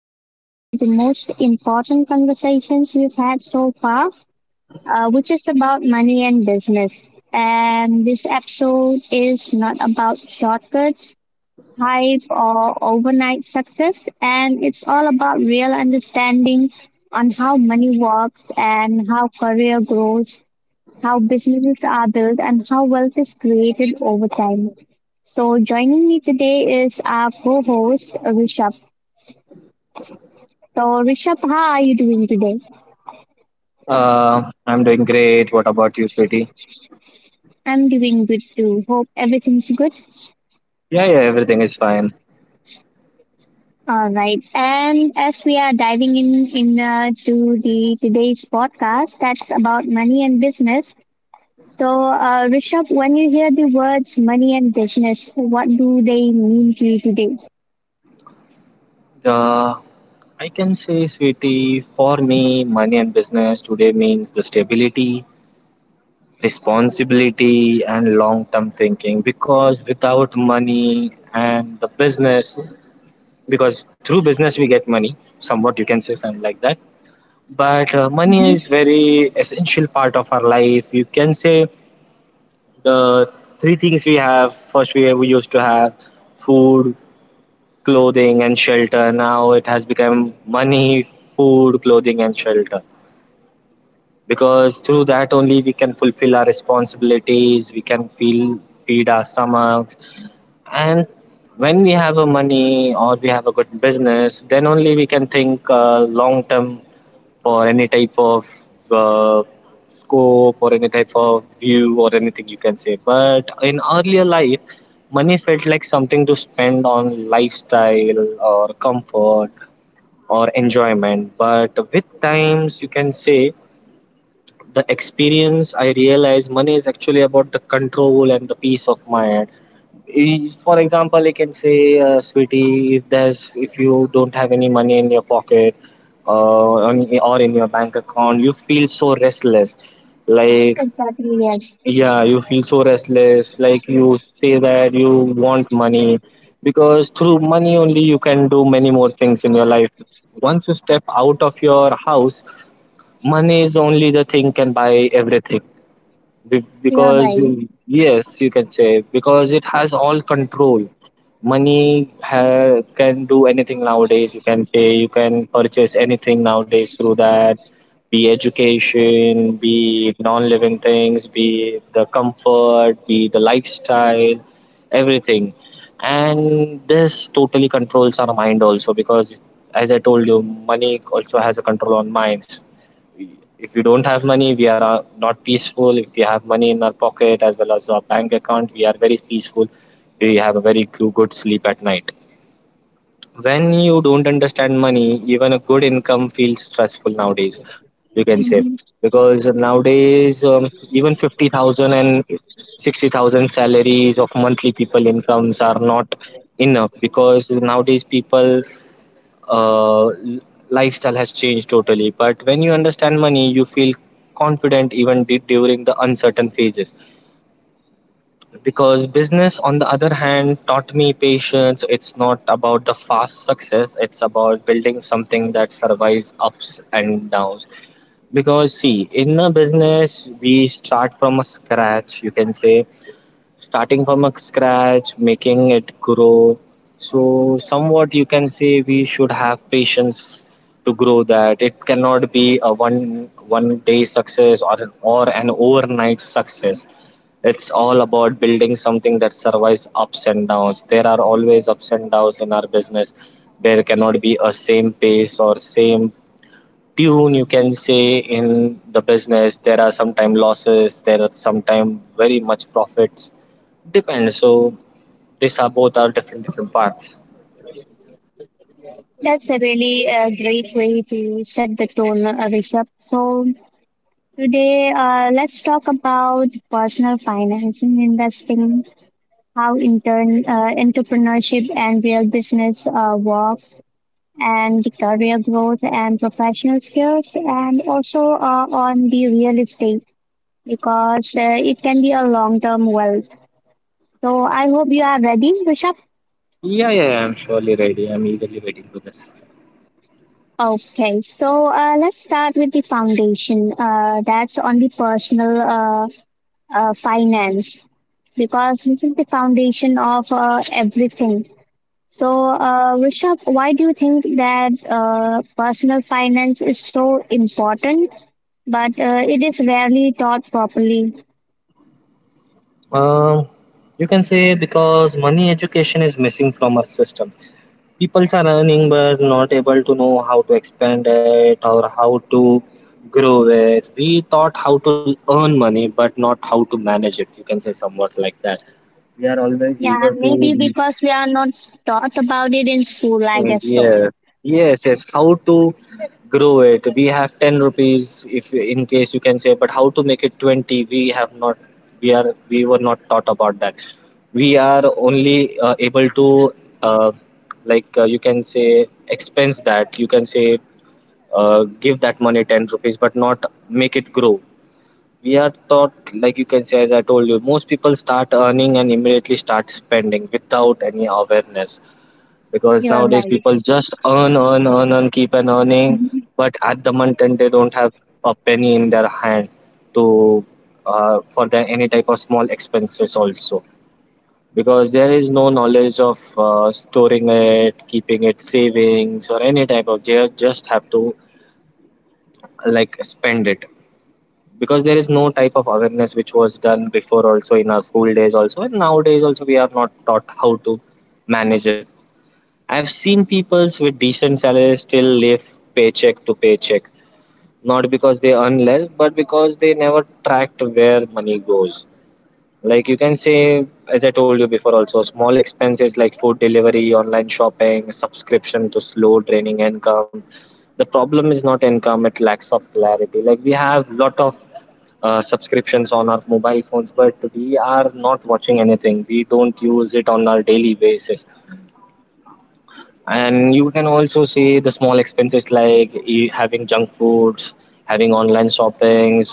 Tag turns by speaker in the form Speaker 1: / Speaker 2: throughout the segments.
Speaker 1: is one of the most important conversations we've had so far, which is about money and business. And this episode is not about shortcuts, hype, or overnight success. And it's all about real understanding on how money works and how career grows, how businesses are built, and how wealth is created over time. So, joining me today is our co host, Rishabh. So, Rishabh, how are you doing today?
Speaker 2: I'm doing great. What about you, sweetie?
Speaker 1: I'm doing good too. Hope everything's good.
Speaker 2: Yeah, yeah, everything is fine.
Speaker 1: All right. And as we are diving in to the today's podcast, that's about money and business. So, Rishabh, when you hear the words money and business, what do they mean to you today?
Speaker 2: The I can say, sweetie, for me, money and business today means the stability, responsibility, and long term thinking. Because without money and the business, because through business we get money, somewhat you can say something like that. But money
Speaker 1: Mm-hmm.
Speaker 2: is very essential part of our life. You can say the three things we have. First, we used to have food, clothing and shelter. Now it has become money, food, clothing, and shelter. Because through that only we can fulfill our responsibilities, we can feel feed our stomachs, and when we have a money or we have a good business, then only we can think long term for any type of uh, scope or any type of view or anything you can say. But in earlier life money felt like something to spend on lifestyle or comfort or enjoyment, but with times you can say the experience I realized money is actually about the control and the peace of mind. For example, I can say, sweetie, if you don't have any money in your pocket or in your bank account, you feel so restless, like
Speaker 1: Exactly, yes.
Speaker 2: yeah, you feel so restless, like you say that you want money, because through money only you can do many more things in your life. Once you step out of your house, money is only the thing can buy everything,
Speaker 1: You're
Speaker 2: because,
Speaker 1: right.
Speaker 2: yes, you can say, because it has all control. Money can do anything nowadays, you can say. You can purchase anything nowadays through that: be education, be non-living things, be the comfort, be the lifestyle, everything. And this totally controls our mind also, because as I told you, money also has a control on minds. If we don't have money, we are not peaceful. If we have money in our pocket as well as our bank account, we are very peaceful. We have a very good sleep at night. When you don't understand money, even a good income feels stressful nowadays. You can say because nowadays, even fifty thousand and sixty thousand salaries of monthly people incomes are not enough, because nowadays people uh, lifestyle has changed totally. But when you understand money, you feel confident even during the uncertain phases. Because business, on the other hand, taught me patience. It's not about the fast success, it's about building something that survives ups and downs. Because, see, in a business, we start from a scratch, you can say, starting from a scratch, making it grow. So, somewhat you can say we should have patience to grow that. It cannot be a one day success, or an overnight success. It's all about building something that survives ups and downs. There are always ups and downs in our business. There cannot be a same pace or same tune, you can say. In the business, there are sometimes losses, there are sometimes very much profits. Depends. So these are both are different paths.
Speaker 1: That's a really a great way to set the tone, Rishabh. So today, let's talk about personal finance and investing, how intern entrepreneurship and real business works, and the career growth and professional skills, and also on the real estate because it can be a long-term wealth. So I hope you are ready, Rishabh.
Speaker 2: Yeah, yeah, yeah, I'm surely ready. I'm eagerly waiting for this.
Speaker 1: Okay, so let's start with the foundation. That's on the personal finance because this is the foundation of everything. So, Rishabh, why do you think that personal finance is so important, but it is rarely taught properly?
Speaker 2: Um, you can say because money education is missing from our system. People are earning but not able to know how to expand it or how to grow it. We taught how to earn money but not how to manage it. You can say somewhat like that. We are always eager
Speaker 1: Yeah, maybe
Speaker 2: to.
Speaker 1: because we are not taught about it in school, I
Speaker 2: Mm,
Speaker 1: guess so.
Speaker 2: yeah. Yes, yes. How to grow it? We have 10 rupees if in case you can say, but how to make it 20? We were not taught about that. We are only able to, uh, like you can say, expense that. You can say, give that money 10 rupees, but not make it grow. We are taught, like you can say, as I told you, most people start earning and immediately start spending without any awareness, because
Speaker 1: You are
Speaker 2: nowadays
Speaker 1: right.
Speaker 2: people just earn, earn, earn, earn, keep on earning,
Speaker 1: Mm-hmm.
Speaker 2: but at the month end they don't have a penny in their hand to for the, any type of small expenses also, because there is no knowledge of storing it, keeping it savings or any type of. They just have to like spend it, because there is no type of awareness, which was done before also in our school days also, and nowadays also we are not taught how to manage. I've seen peoples with decent salaries still live paycheck to paycheck, not because they earn less, but because they never tracked where money goes. Like you can say, as I told you before, also small expenses like food delivery, online shopping, subscription to slow draining income. The problem is not income; it lacks of clarity. Like we have lot of subscriptions on our mobile phones, but we are not watching anything. We don't use it on our daily basis. And you can also see the small expenses like having junk foods, having online shoppings,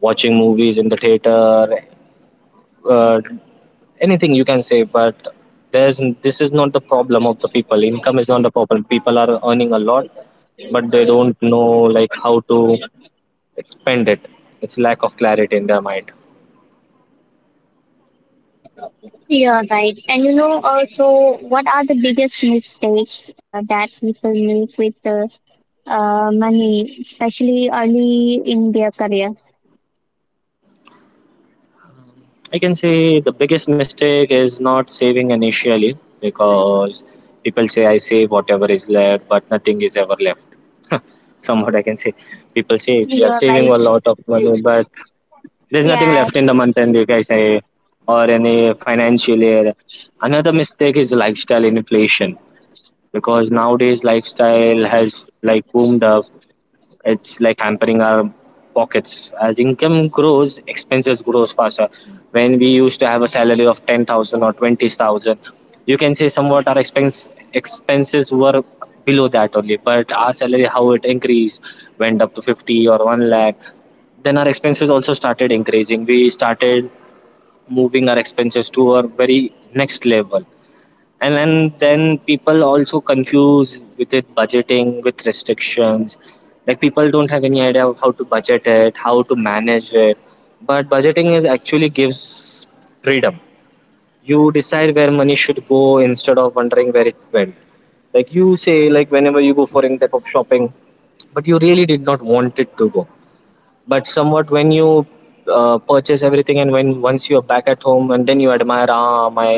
Speaker 2: watching movies in the theater, uh, anything you can say. But there's this is not the problem of the people. Income is not the problem, people are earning a lot, but they don't know like how to spend it. It's lack of clarity in their mind.
Speaker 1: Yeah, right. And you know, also, what are the biggest mistakes that people make with money, especially early in their career?
Speaker 2: I can say the biggest mistake is not saving initially, because people say I save whatever is left, but nothing is ever left. Somewhat, I can say. People say we are
Speaker 1: You're
Speaker 2: saving
Speaker 1: right.
Speaker 2: a lot of money, but there's nothing
Speaker 1: Yeah.
Speaker 2: left in the month end, you guys say, or any financial year. Another mistake is lifestyle inflation, because nowadays lifestyle has like boomed up, it's like hampering our pockets. As income grows, expenses grows faster. When we used to have a salary of 10,000 or 20,000, you can say somewhat our expenses were below that only, but our salary how it increased, went up to 50 or 1 lakh. Then our expenses also started increasing, we started moving our expenses to our very next level. And then people also confuse with it, budgeting with restrictions. Like people don't have any idea of how to budget it, how to manage it. But budgeting is actually gives freedom. You decide where money should go instead of wondering where it went. Like you say, like whenever you go for any type of shopping, but you really did not want it to go, but somewhat when you purchase everything and when once you are back at home, and then you admire, ah, my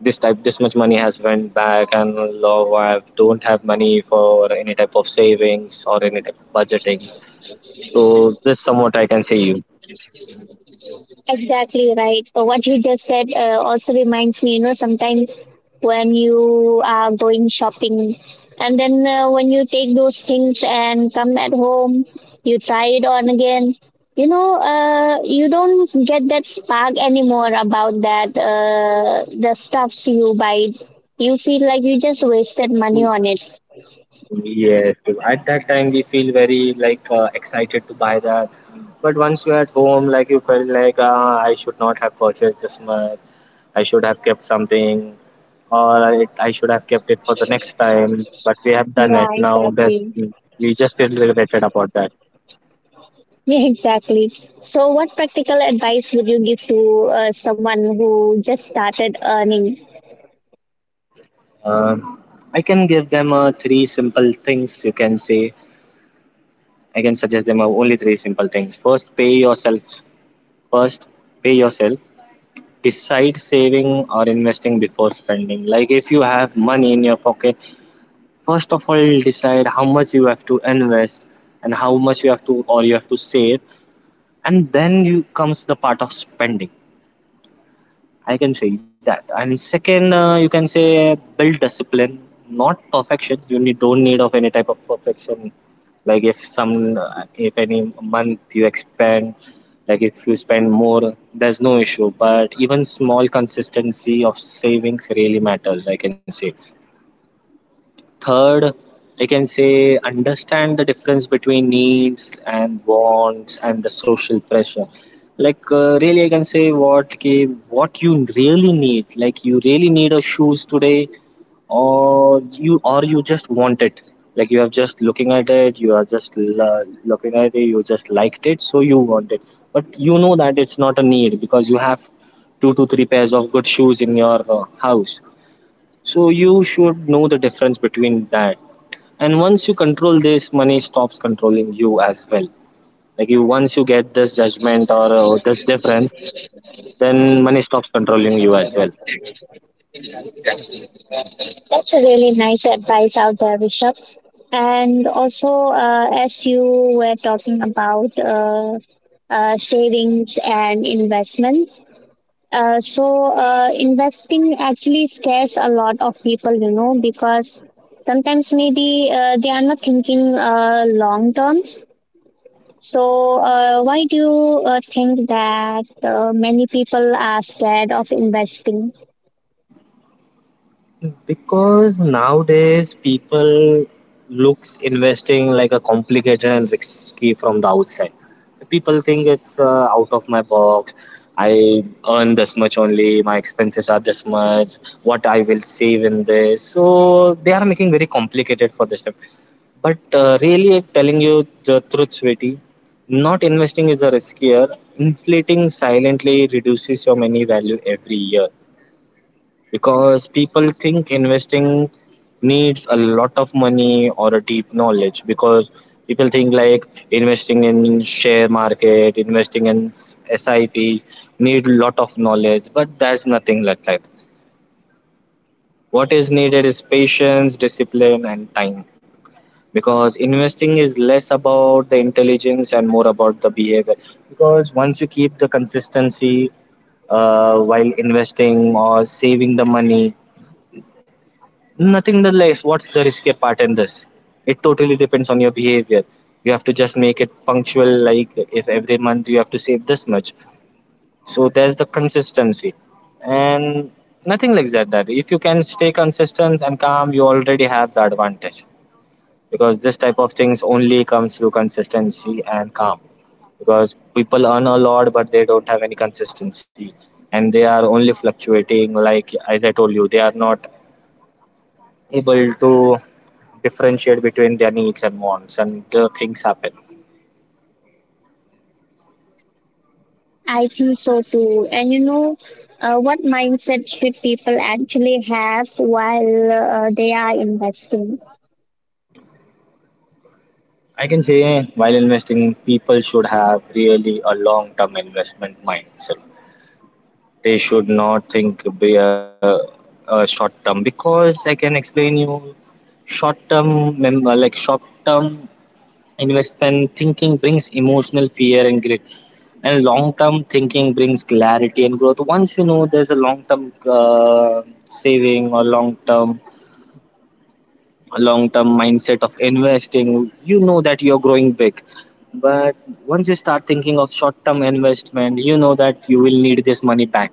Speaker 2: this type, this much money has went back, and I don't have money for any type of savings or any type of budgetings. So this, somewhat I can say, you,
Speaker 1: Exactly right. What you just said also reminds me, you know, sometimes when you are going shopping and then when you take those things and come at home, you try it on again, you know, you don't get that spark anymore about that, the stuffs you buy. You feel like you just wasted money on it.
Speaker 2: yes, at that time we feel very like excited to buy that, but once you're at home, like you felt like I should not have purchased this much, I should have kept something, or I should have kept it for the next time, but we have done
Speaker 1: Yeah,
Speaker 2: it now. There's
Speaker 1: exactly.
Speaker 2: We just feel regretted about that.
Speaker 1: Yeah, exactly. So, what practical advice would you give to someone who just started earning?
Speaker 2: Um, I can give them three simple things, you can say. I can suggest them only three simple things. First, pay yourself. First, pay yourself. Decide saving or investing before spending. Like if you have money in your pocket, first of all, decide how much you have to invest, and how much you have to save, and then you comes the part of spending, I can say that. And second, you can say, build discipline, not perfection. Don't need of any type of perfection. Like if any month you expand, like if you spend more, there's no issue. But even small consistency of savings really matters, I can say. Third, I can say, understand the difference between needs and wants and the social pressure. Like really, I can say, what you really need. Like you really need a shoes today, or you just want it. Like you are just looking at it, you are just looking at it, you just liked it, so you want it. But you know that it's not a need, because you have two to three pairs of good shoes in your house. So you should know the difference between that, and once you control this, money stops controlling you as well. Like you, once you get this judgment or this difference, then money stops controlling you as well.
Speaker 1: That's a really nice advice out there, Rishabh. And also, as you were talking about savings and investments, investing actually scares a lot of people, you know, because sometimes maybe they are not thinking long term. So, why do you think that many people are scared of investing?
Speaker 2: Because nowadays people looks investing like a complicated and risky from the outside. People think it's out of my box. I earn this much only, my expenses are this much, what I will save in this, so they are making very complicated for this. But really, I'm telling you the truth, sweetie. Not investing is a riskier. Inflating silently reduces your money value every year, because people think investing needs a lot of money or a deep knowledge, because people think like investing in share market, investing in sips, need lot of knowledge, but that's nothing like that. What is needed is patience, discipline and time, because investing is less about the intelligence and more about the behavior. Because once you keep the consistency while investing or saving the money, nothing the less, what's the riskier part in this? It totally depends on your behavior. You have to just make it punctual, like if every month you have to save this much, so there's the consistency, and nothing like that, that if you can stay consistent and calm, you already have the advantage. Because this type of things only comes through consistency and calm. Because people earn a lot, but they don't have any consistency, and they are only fluctuating, like as I told you, they are not able to differentiate between their needs and wants, and the things happen.
Speaker 1: I think so too. And you know, what mindset should people actually have while they are investing?
Speaker 2: I can say while investing people should have really a long term investment mindset. They should not think be a short term, because I can explain you short term like short term investment thinking brings emotional fear and grit. And long term thinking brings clarity and growth. Once you know there's a long term saving or long term mindset of investing, you know that you're growing big. But once you start thinking of short term investment, you know that you will need this money back.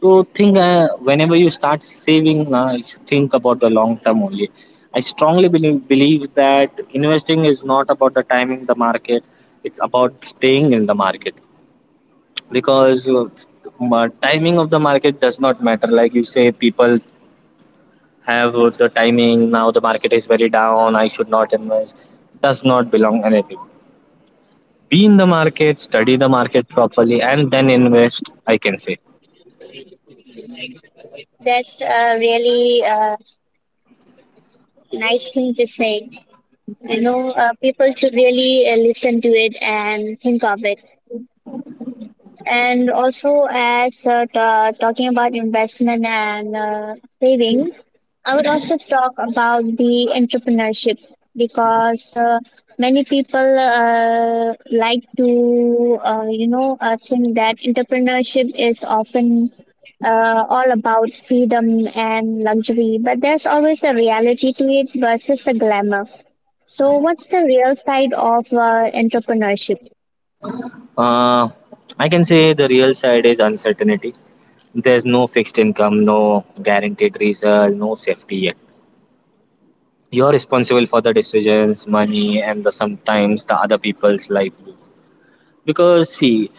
Speaker 2: So think whenever you start saving, you should think about the long term only. I strongly believe that investing is not about the timing the market; it's about staying in the market. Because timing of the market does not matter. Like you say, people have the timing now. The market is very down. I should not invest. Does not belong anything. Be in the market, study the market properly, and then invest. I can say.
Speaker 1: That's a really nice thing to say. You know, people should really listen to it and think of it. And also, as ta talking about investment and saving, I would also talk about the entrepreneurship because many people like to, you know, think that entrepreneurship is often all about freedom and luxury, but there's always a reality to it versus the glamour. So, what's the real side of entrepreneurship?
Speaker 2: Uh, I can say the real side is uncertainty. There's no fixed income, no guaranteed result, no safety yet. You're responsible for the decisions, money, and the sometimes the other people's livelihood. Because see,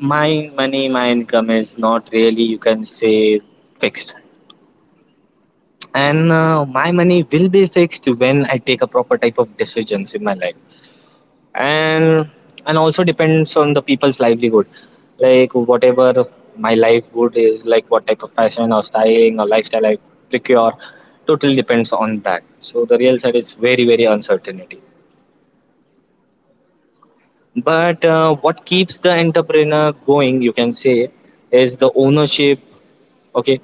Speaker 2: my money, my income is not really, you can say, fixed, and my money will be fixed when I take a proper type of decisions in my life. and and also depends on the people's livelihood, like whatever my livelihood is, like what type of fashion or styling or lifestyle I procure totally depends on that. So the real side is very very uncertainty. But what keeps the entrepreneur going, you can say, is the ownership. Okay,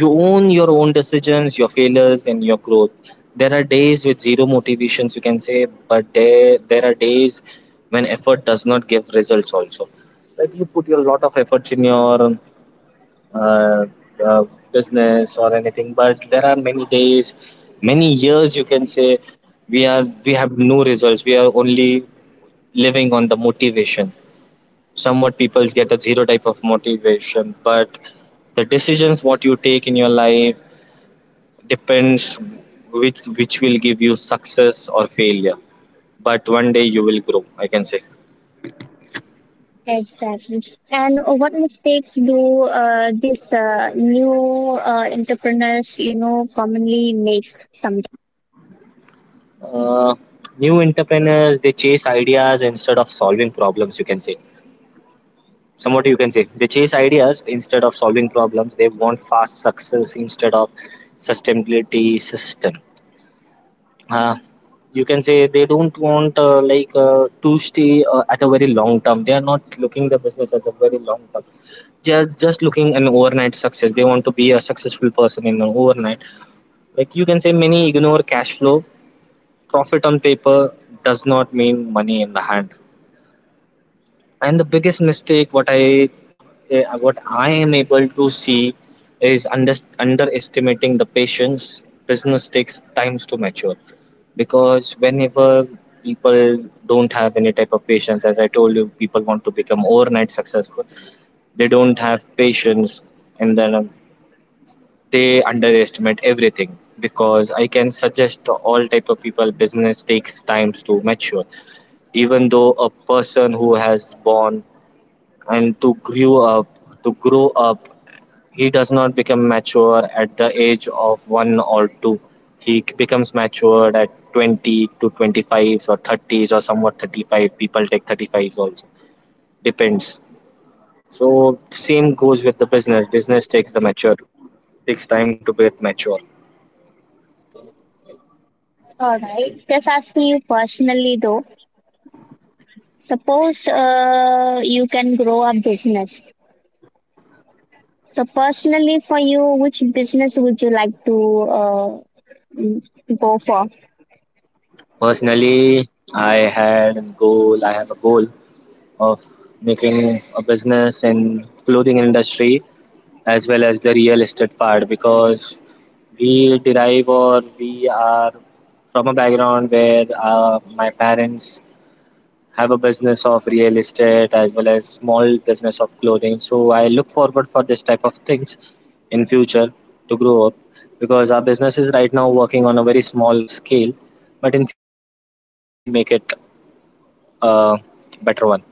Speaker 2: you own your own decisions, your failures and your growth. There are days with zero motivations, you can say, but there are days when effort does not give results also, like you put a lot of efforts in your uh, uh, business or anything, but there are many days, many years you can say, we have no results, we are only living on the motivation. Somewhat people get a zero type of motivation, but the decisions what you take in your life depends, which will give you success or failure, but one day you will grow, I can say.
Speaker 1: Exactly. And what mistakes do these new entrepreneurs, you know, commonly make? Some.
Speaker 2: Uh, new entrepreneurs, they chase ideas instead of solving problems, you can say. Somewhat you can say they chase ideas instead of solving problems. They want fast success instead of sustainability system. Uh, you can say they don't want like to stay at a very long term. They are not looking the business as a very long term. They are just looking an overnight success. They want to be a successful person in an overnight, like you can say many ignore cash flow. Profit on paper does not mean money in the hand. And the biggest mistake what I am able to see is underestimating the patience. Business takes times to mature. Because whenever people don't have any type of patience, as I told you, people want to become overnight successful. They don't have patience. And then they underestimate everything, because I can suggest to all type of people, business takes time to mature. Even though a person who has born and to grow up, he does not become mature at the age of 1 or 2. He becomes matured at 20 to 25s or 30s or somewhat 35. People take 35s also. Depends. So same goes with the business. Business takes the mature. Takes time to get mature.
Speaker 1: All right. Just asking you personally though. Suppose you can grow a business. So personally, for you, which business would you like to mm, go for?
Speaker 2: Personally, I had a goal. I have a goal of making a business in clothing industry, as well as the real estate part, because we derive, or we are from a background where my parents have a business of real estate as well as small business of clothing. So I look forward for this type of things in future, to grow up, because our business is right now working on a very small scale, but in future I will really make it a better one.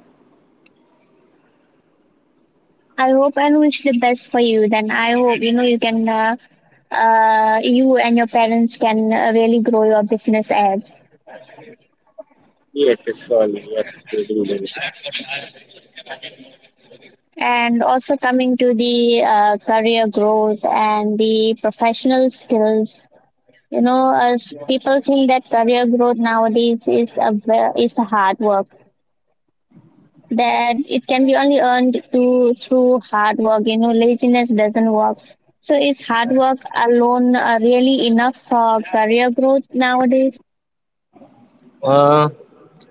Speaker 1: I hope and wish the best for you. Then I hope you know you can. You and your parents can really grow your business ahead.
Speaker 2: Yes, yes, surely. Yes, we do.
Speaker 1: And also coming to the career growth and the professional skills, you know, people think that career growth nowadays is a is a hard work. That it can be only earned to through hard work. You know, laziness doesn't work. So is hard work alone really enough for career growth nowadays?
Speaker 2: uh,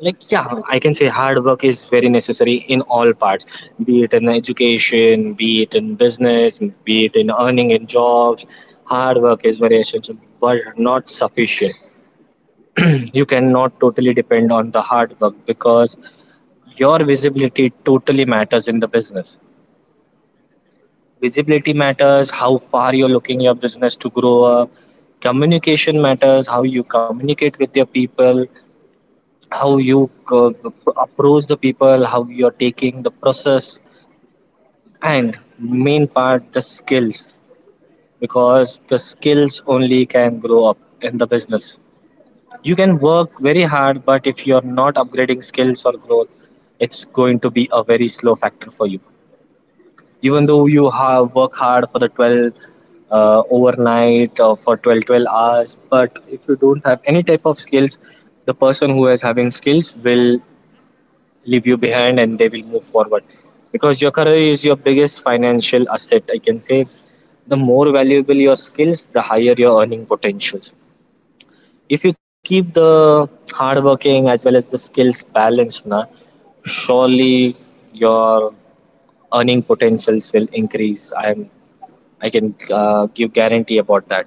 Speaker 2: like yeah, I can say hard work is very necessary in all parts, be it in education, be it in business, be it in earning in jobs. Hard work is very essential but not sufficient. You cannot totally depend on the hard work, because your visibility totally matters in the business. Visibility matters how far you're looking your business to grow up. Communication matters, how you communicate with your people, how you approach the people, how you're taking the process, and main part the skills. Because the skills only can grow up in the business. You can work very hard, but if you're not upgrading skills or growth, it's going to be a very slow factor for you. Even though you have work hard for the 12, overnight for 12 hours, but if you don't have any type of skills, the person who is having skills will leave you behind and they will move forward, because your career is your biggest financial asset, I can say. The more valuable your skills, the higher your earning potentials. If you keep the hard working as well as the skills balanced, na, surely your earning potentials will increase. I can give guarantee about that.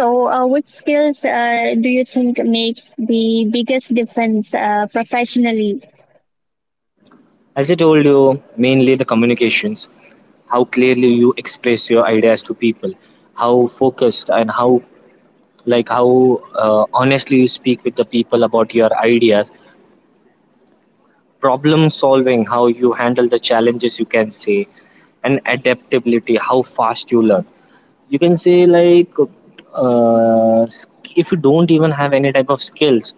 Speaker 1: So, which skills do you think makes the biggest difference professionally?
Speaker 2: As I told you, mainly the communications, how clearly you express your ideas to people, how focused and how like, how honestly you speak with the people about your ideas, problem solving, how you handle the challenges you can say, and adaptability, how fast you learn, you can say, like, uh, if you don't even have any type of skills,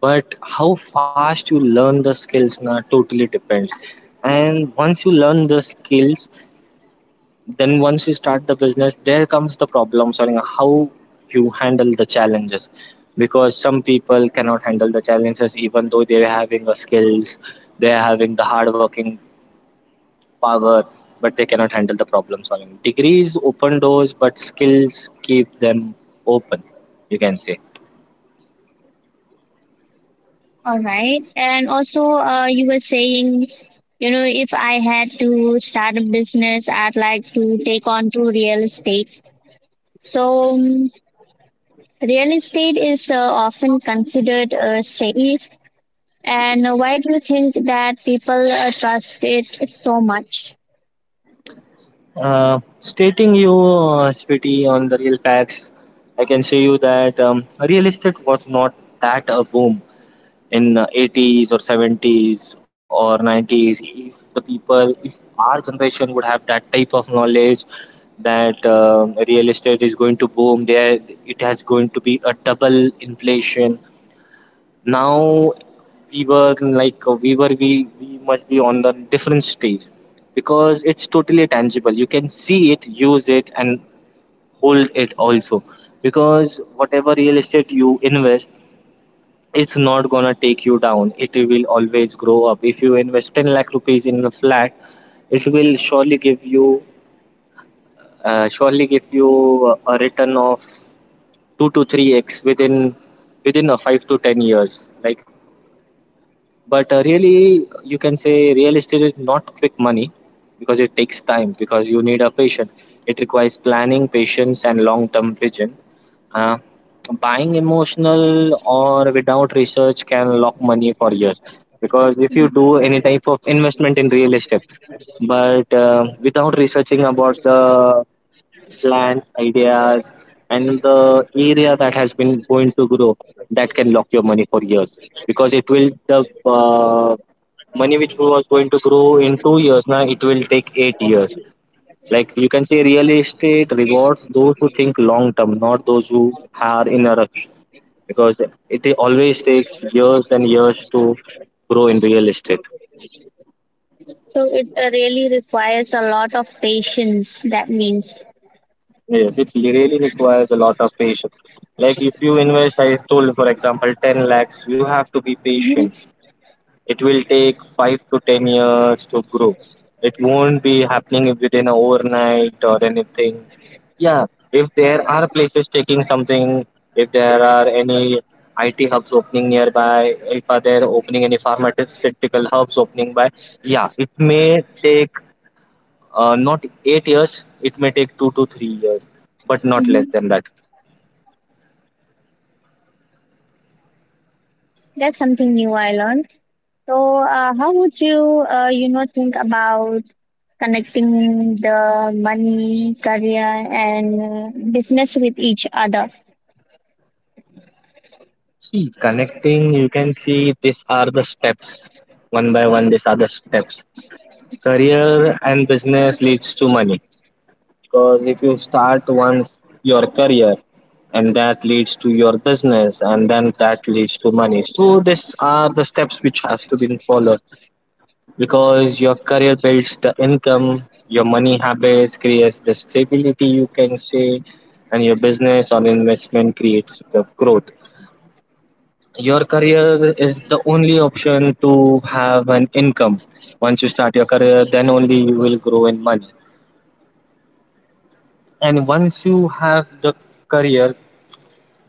Speaker 2: but how fast you learn the skills now totally depends. And once you learn the skills, then once you start the business, there comes the problem solving, how you handle the challenges, because some people cannot handle the challenges, even though they're having the skills, they're having the hard working power, but they cannot handle the problem solving. Degrees open doors, but skills keep them open, you can say.
Speaker 1: All right. And also, you were saying, you know, if I had to start a business, I'd like to take on to real estate. So, real estate is often considered safe. And why do you think that people trust it so much?
Speaker 2: Stating you Spiti, on the real facts, I can say you that real estate was not that a boom in the 80s or 70s or 90s. If the people, if our generation would have that type of knowledge that real estate is going to boom there, it has going to be a double inflation now, we were like we must be on the different stage, because it's totally tangible, you can see it, use it and hold it also. Because whatever real estate you invest, it's not gonna take you down, it will always grow up. If you invest 10 lakh rupees in a flat, it will surely give you a return of 2 to 3x within a 5 to 10 years like. But really you can say real estate is not quick money, because it takes time, because you need a patient. It requires planning, patience and long term vision. Uh, buying emotional or without research can lock money for years. Because if you do any type of investment in real estate, but without researching about the plans, ideas and the area that has been going to grow, that can lock your money for years. Because it will, the money which was going to grow in 2 years, now it will take 8 years. Like you can say, real estate rewards those who think long term, not those who are in a rush, because it always takes years and years to grow in real estate.
Speaker 1: So, it really requires a lot of patience, that means.
Speaker 2: Yes, it really requires a lot of patience. Like if you invest, I told, for example, 10 lakhs, you have to be patient.
Speaker 1: Hmm.
Speaker 2: It will take 5 to 10 years to grow. It won't be happening within a overnight or anything. Yeah, if there are places taking something, if there are any IT hubs opening nearby, if are there opening any pharmaceutical hubs opening by, yeah, it may take not 8 years. It may take 2 to 3 years, but not
Speaker 1: Hmm.
Speaker 2: less than that.
Speaker 1: That's something new I learned. So, how would you, you know, think about connecting the money, career, and business with each other.
Speaker 2: See, connecting, you can see these are the steps. One by one, these are the steps. Career and business leads to money, because if you start once your career, and that leads to your business, and then that leads to money. So these are the steps which have to be followed, because your career builds the income, your money habits creates the stability, you can say, and your business or investment creates the growth. Your career is the only option to have an income. Once you start your career, then only you will grow in money. And once you have the career,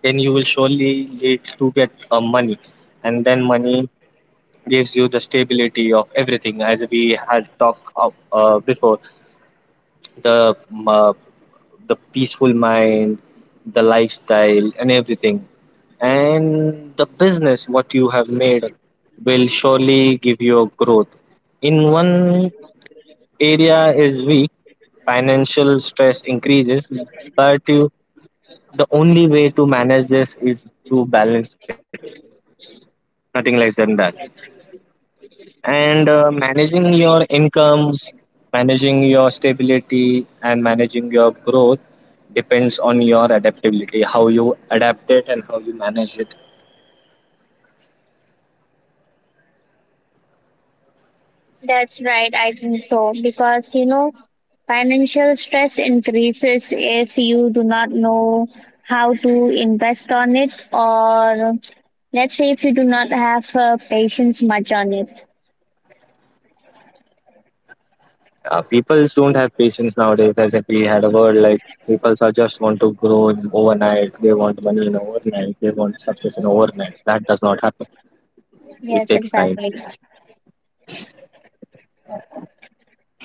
Speaker 2: then you will surely lead to get money, and then money gives you the stability of everything. As we had talked of, before, the um, uh, the peaceful mind, the lifestyle, and everything, and the business what you have made will surely give you a growth. In one area is weak, financial stress increases, but you the only way to manage this is to balance it, nothing less than that. And managing your income, managing your stability and managing your growth depends on your adaptability, how you adapt it and how you manage it.
Speaker 1: That's right, I think so. Because, you know, financial stress increases if you do not know how to invest on it, or let's say if you do not have patience much on it.
Speaker 2: People don't have patience nowadays. As if we had a word, like people are just want to grow in overnight, they want money in overnight, they want success in overnight, that does not happen, it
Speaker 1: Yes,
Speaker 2: takes time.
Speaker 1: exactly.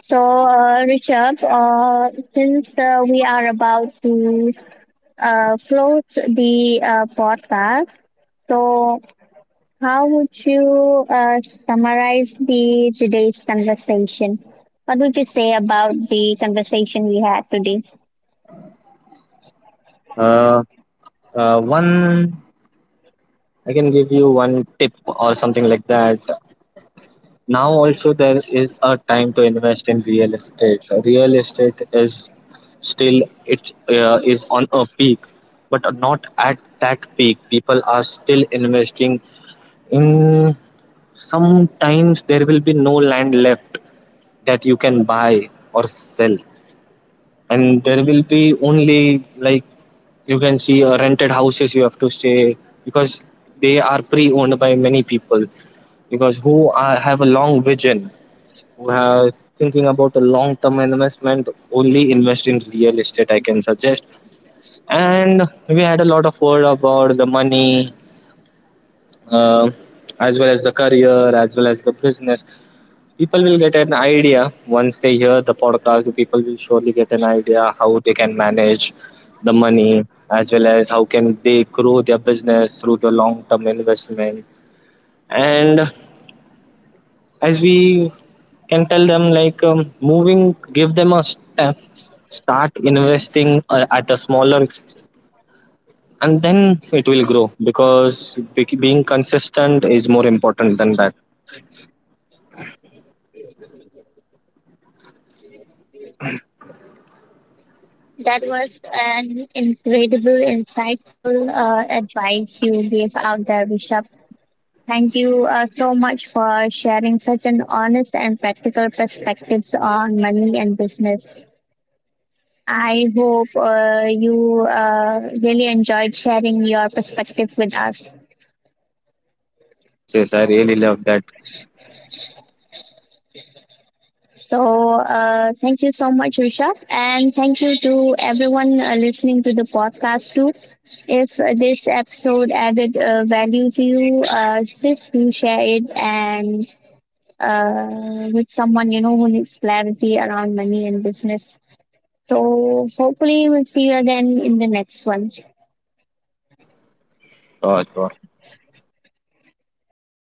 Speaker 1: So, Richard, since we are about to close the podcast, so how would you summarize the today's conversation? What would you say about the conversation we had today?
Speaker 2: Uh, one I can give you one tip or something like that. Now also there is a time to invest in real estate. Real estate is still it is on a peak, but not at that peak. People are still investing in. Sometimes there will be no land left that you can buy or sell, and there will be only, like you can see, rented houses you have to stay, because they are pre-owned by many people, because have a long vision, who are thinking about a long term investment, only invest in real estate, I can suggest. And we had a lot of word about the money, uh, as well as the career, as well as the business. People will get an idea. Once they hear the podcast, the people will surely get an idea, how they can manage the money, as well as how can they grow their business through the long term investment. And as we can tell them, like, moving give them a step, start investing at a smaller, and then it will grow, because being consistent is more important than that.
Speaker 1: That was an incredible, insightful advice you gave out there, Rishabh. Thank you so much for sharing such an honest and practical perspectives on money and business. I hope you really enjoyed sharing your perspective with us.
Speaker 2: Yes, yes, I really love that
Speaker 1: So, thank you so much, Rishabh, and thank you to everyone listening to the podcast too. If this episode added value to you, please do share it and with someone you know who needs clarity around money and business. So, hopefully, we'll see you again in the next one.
Speaker 2: thought.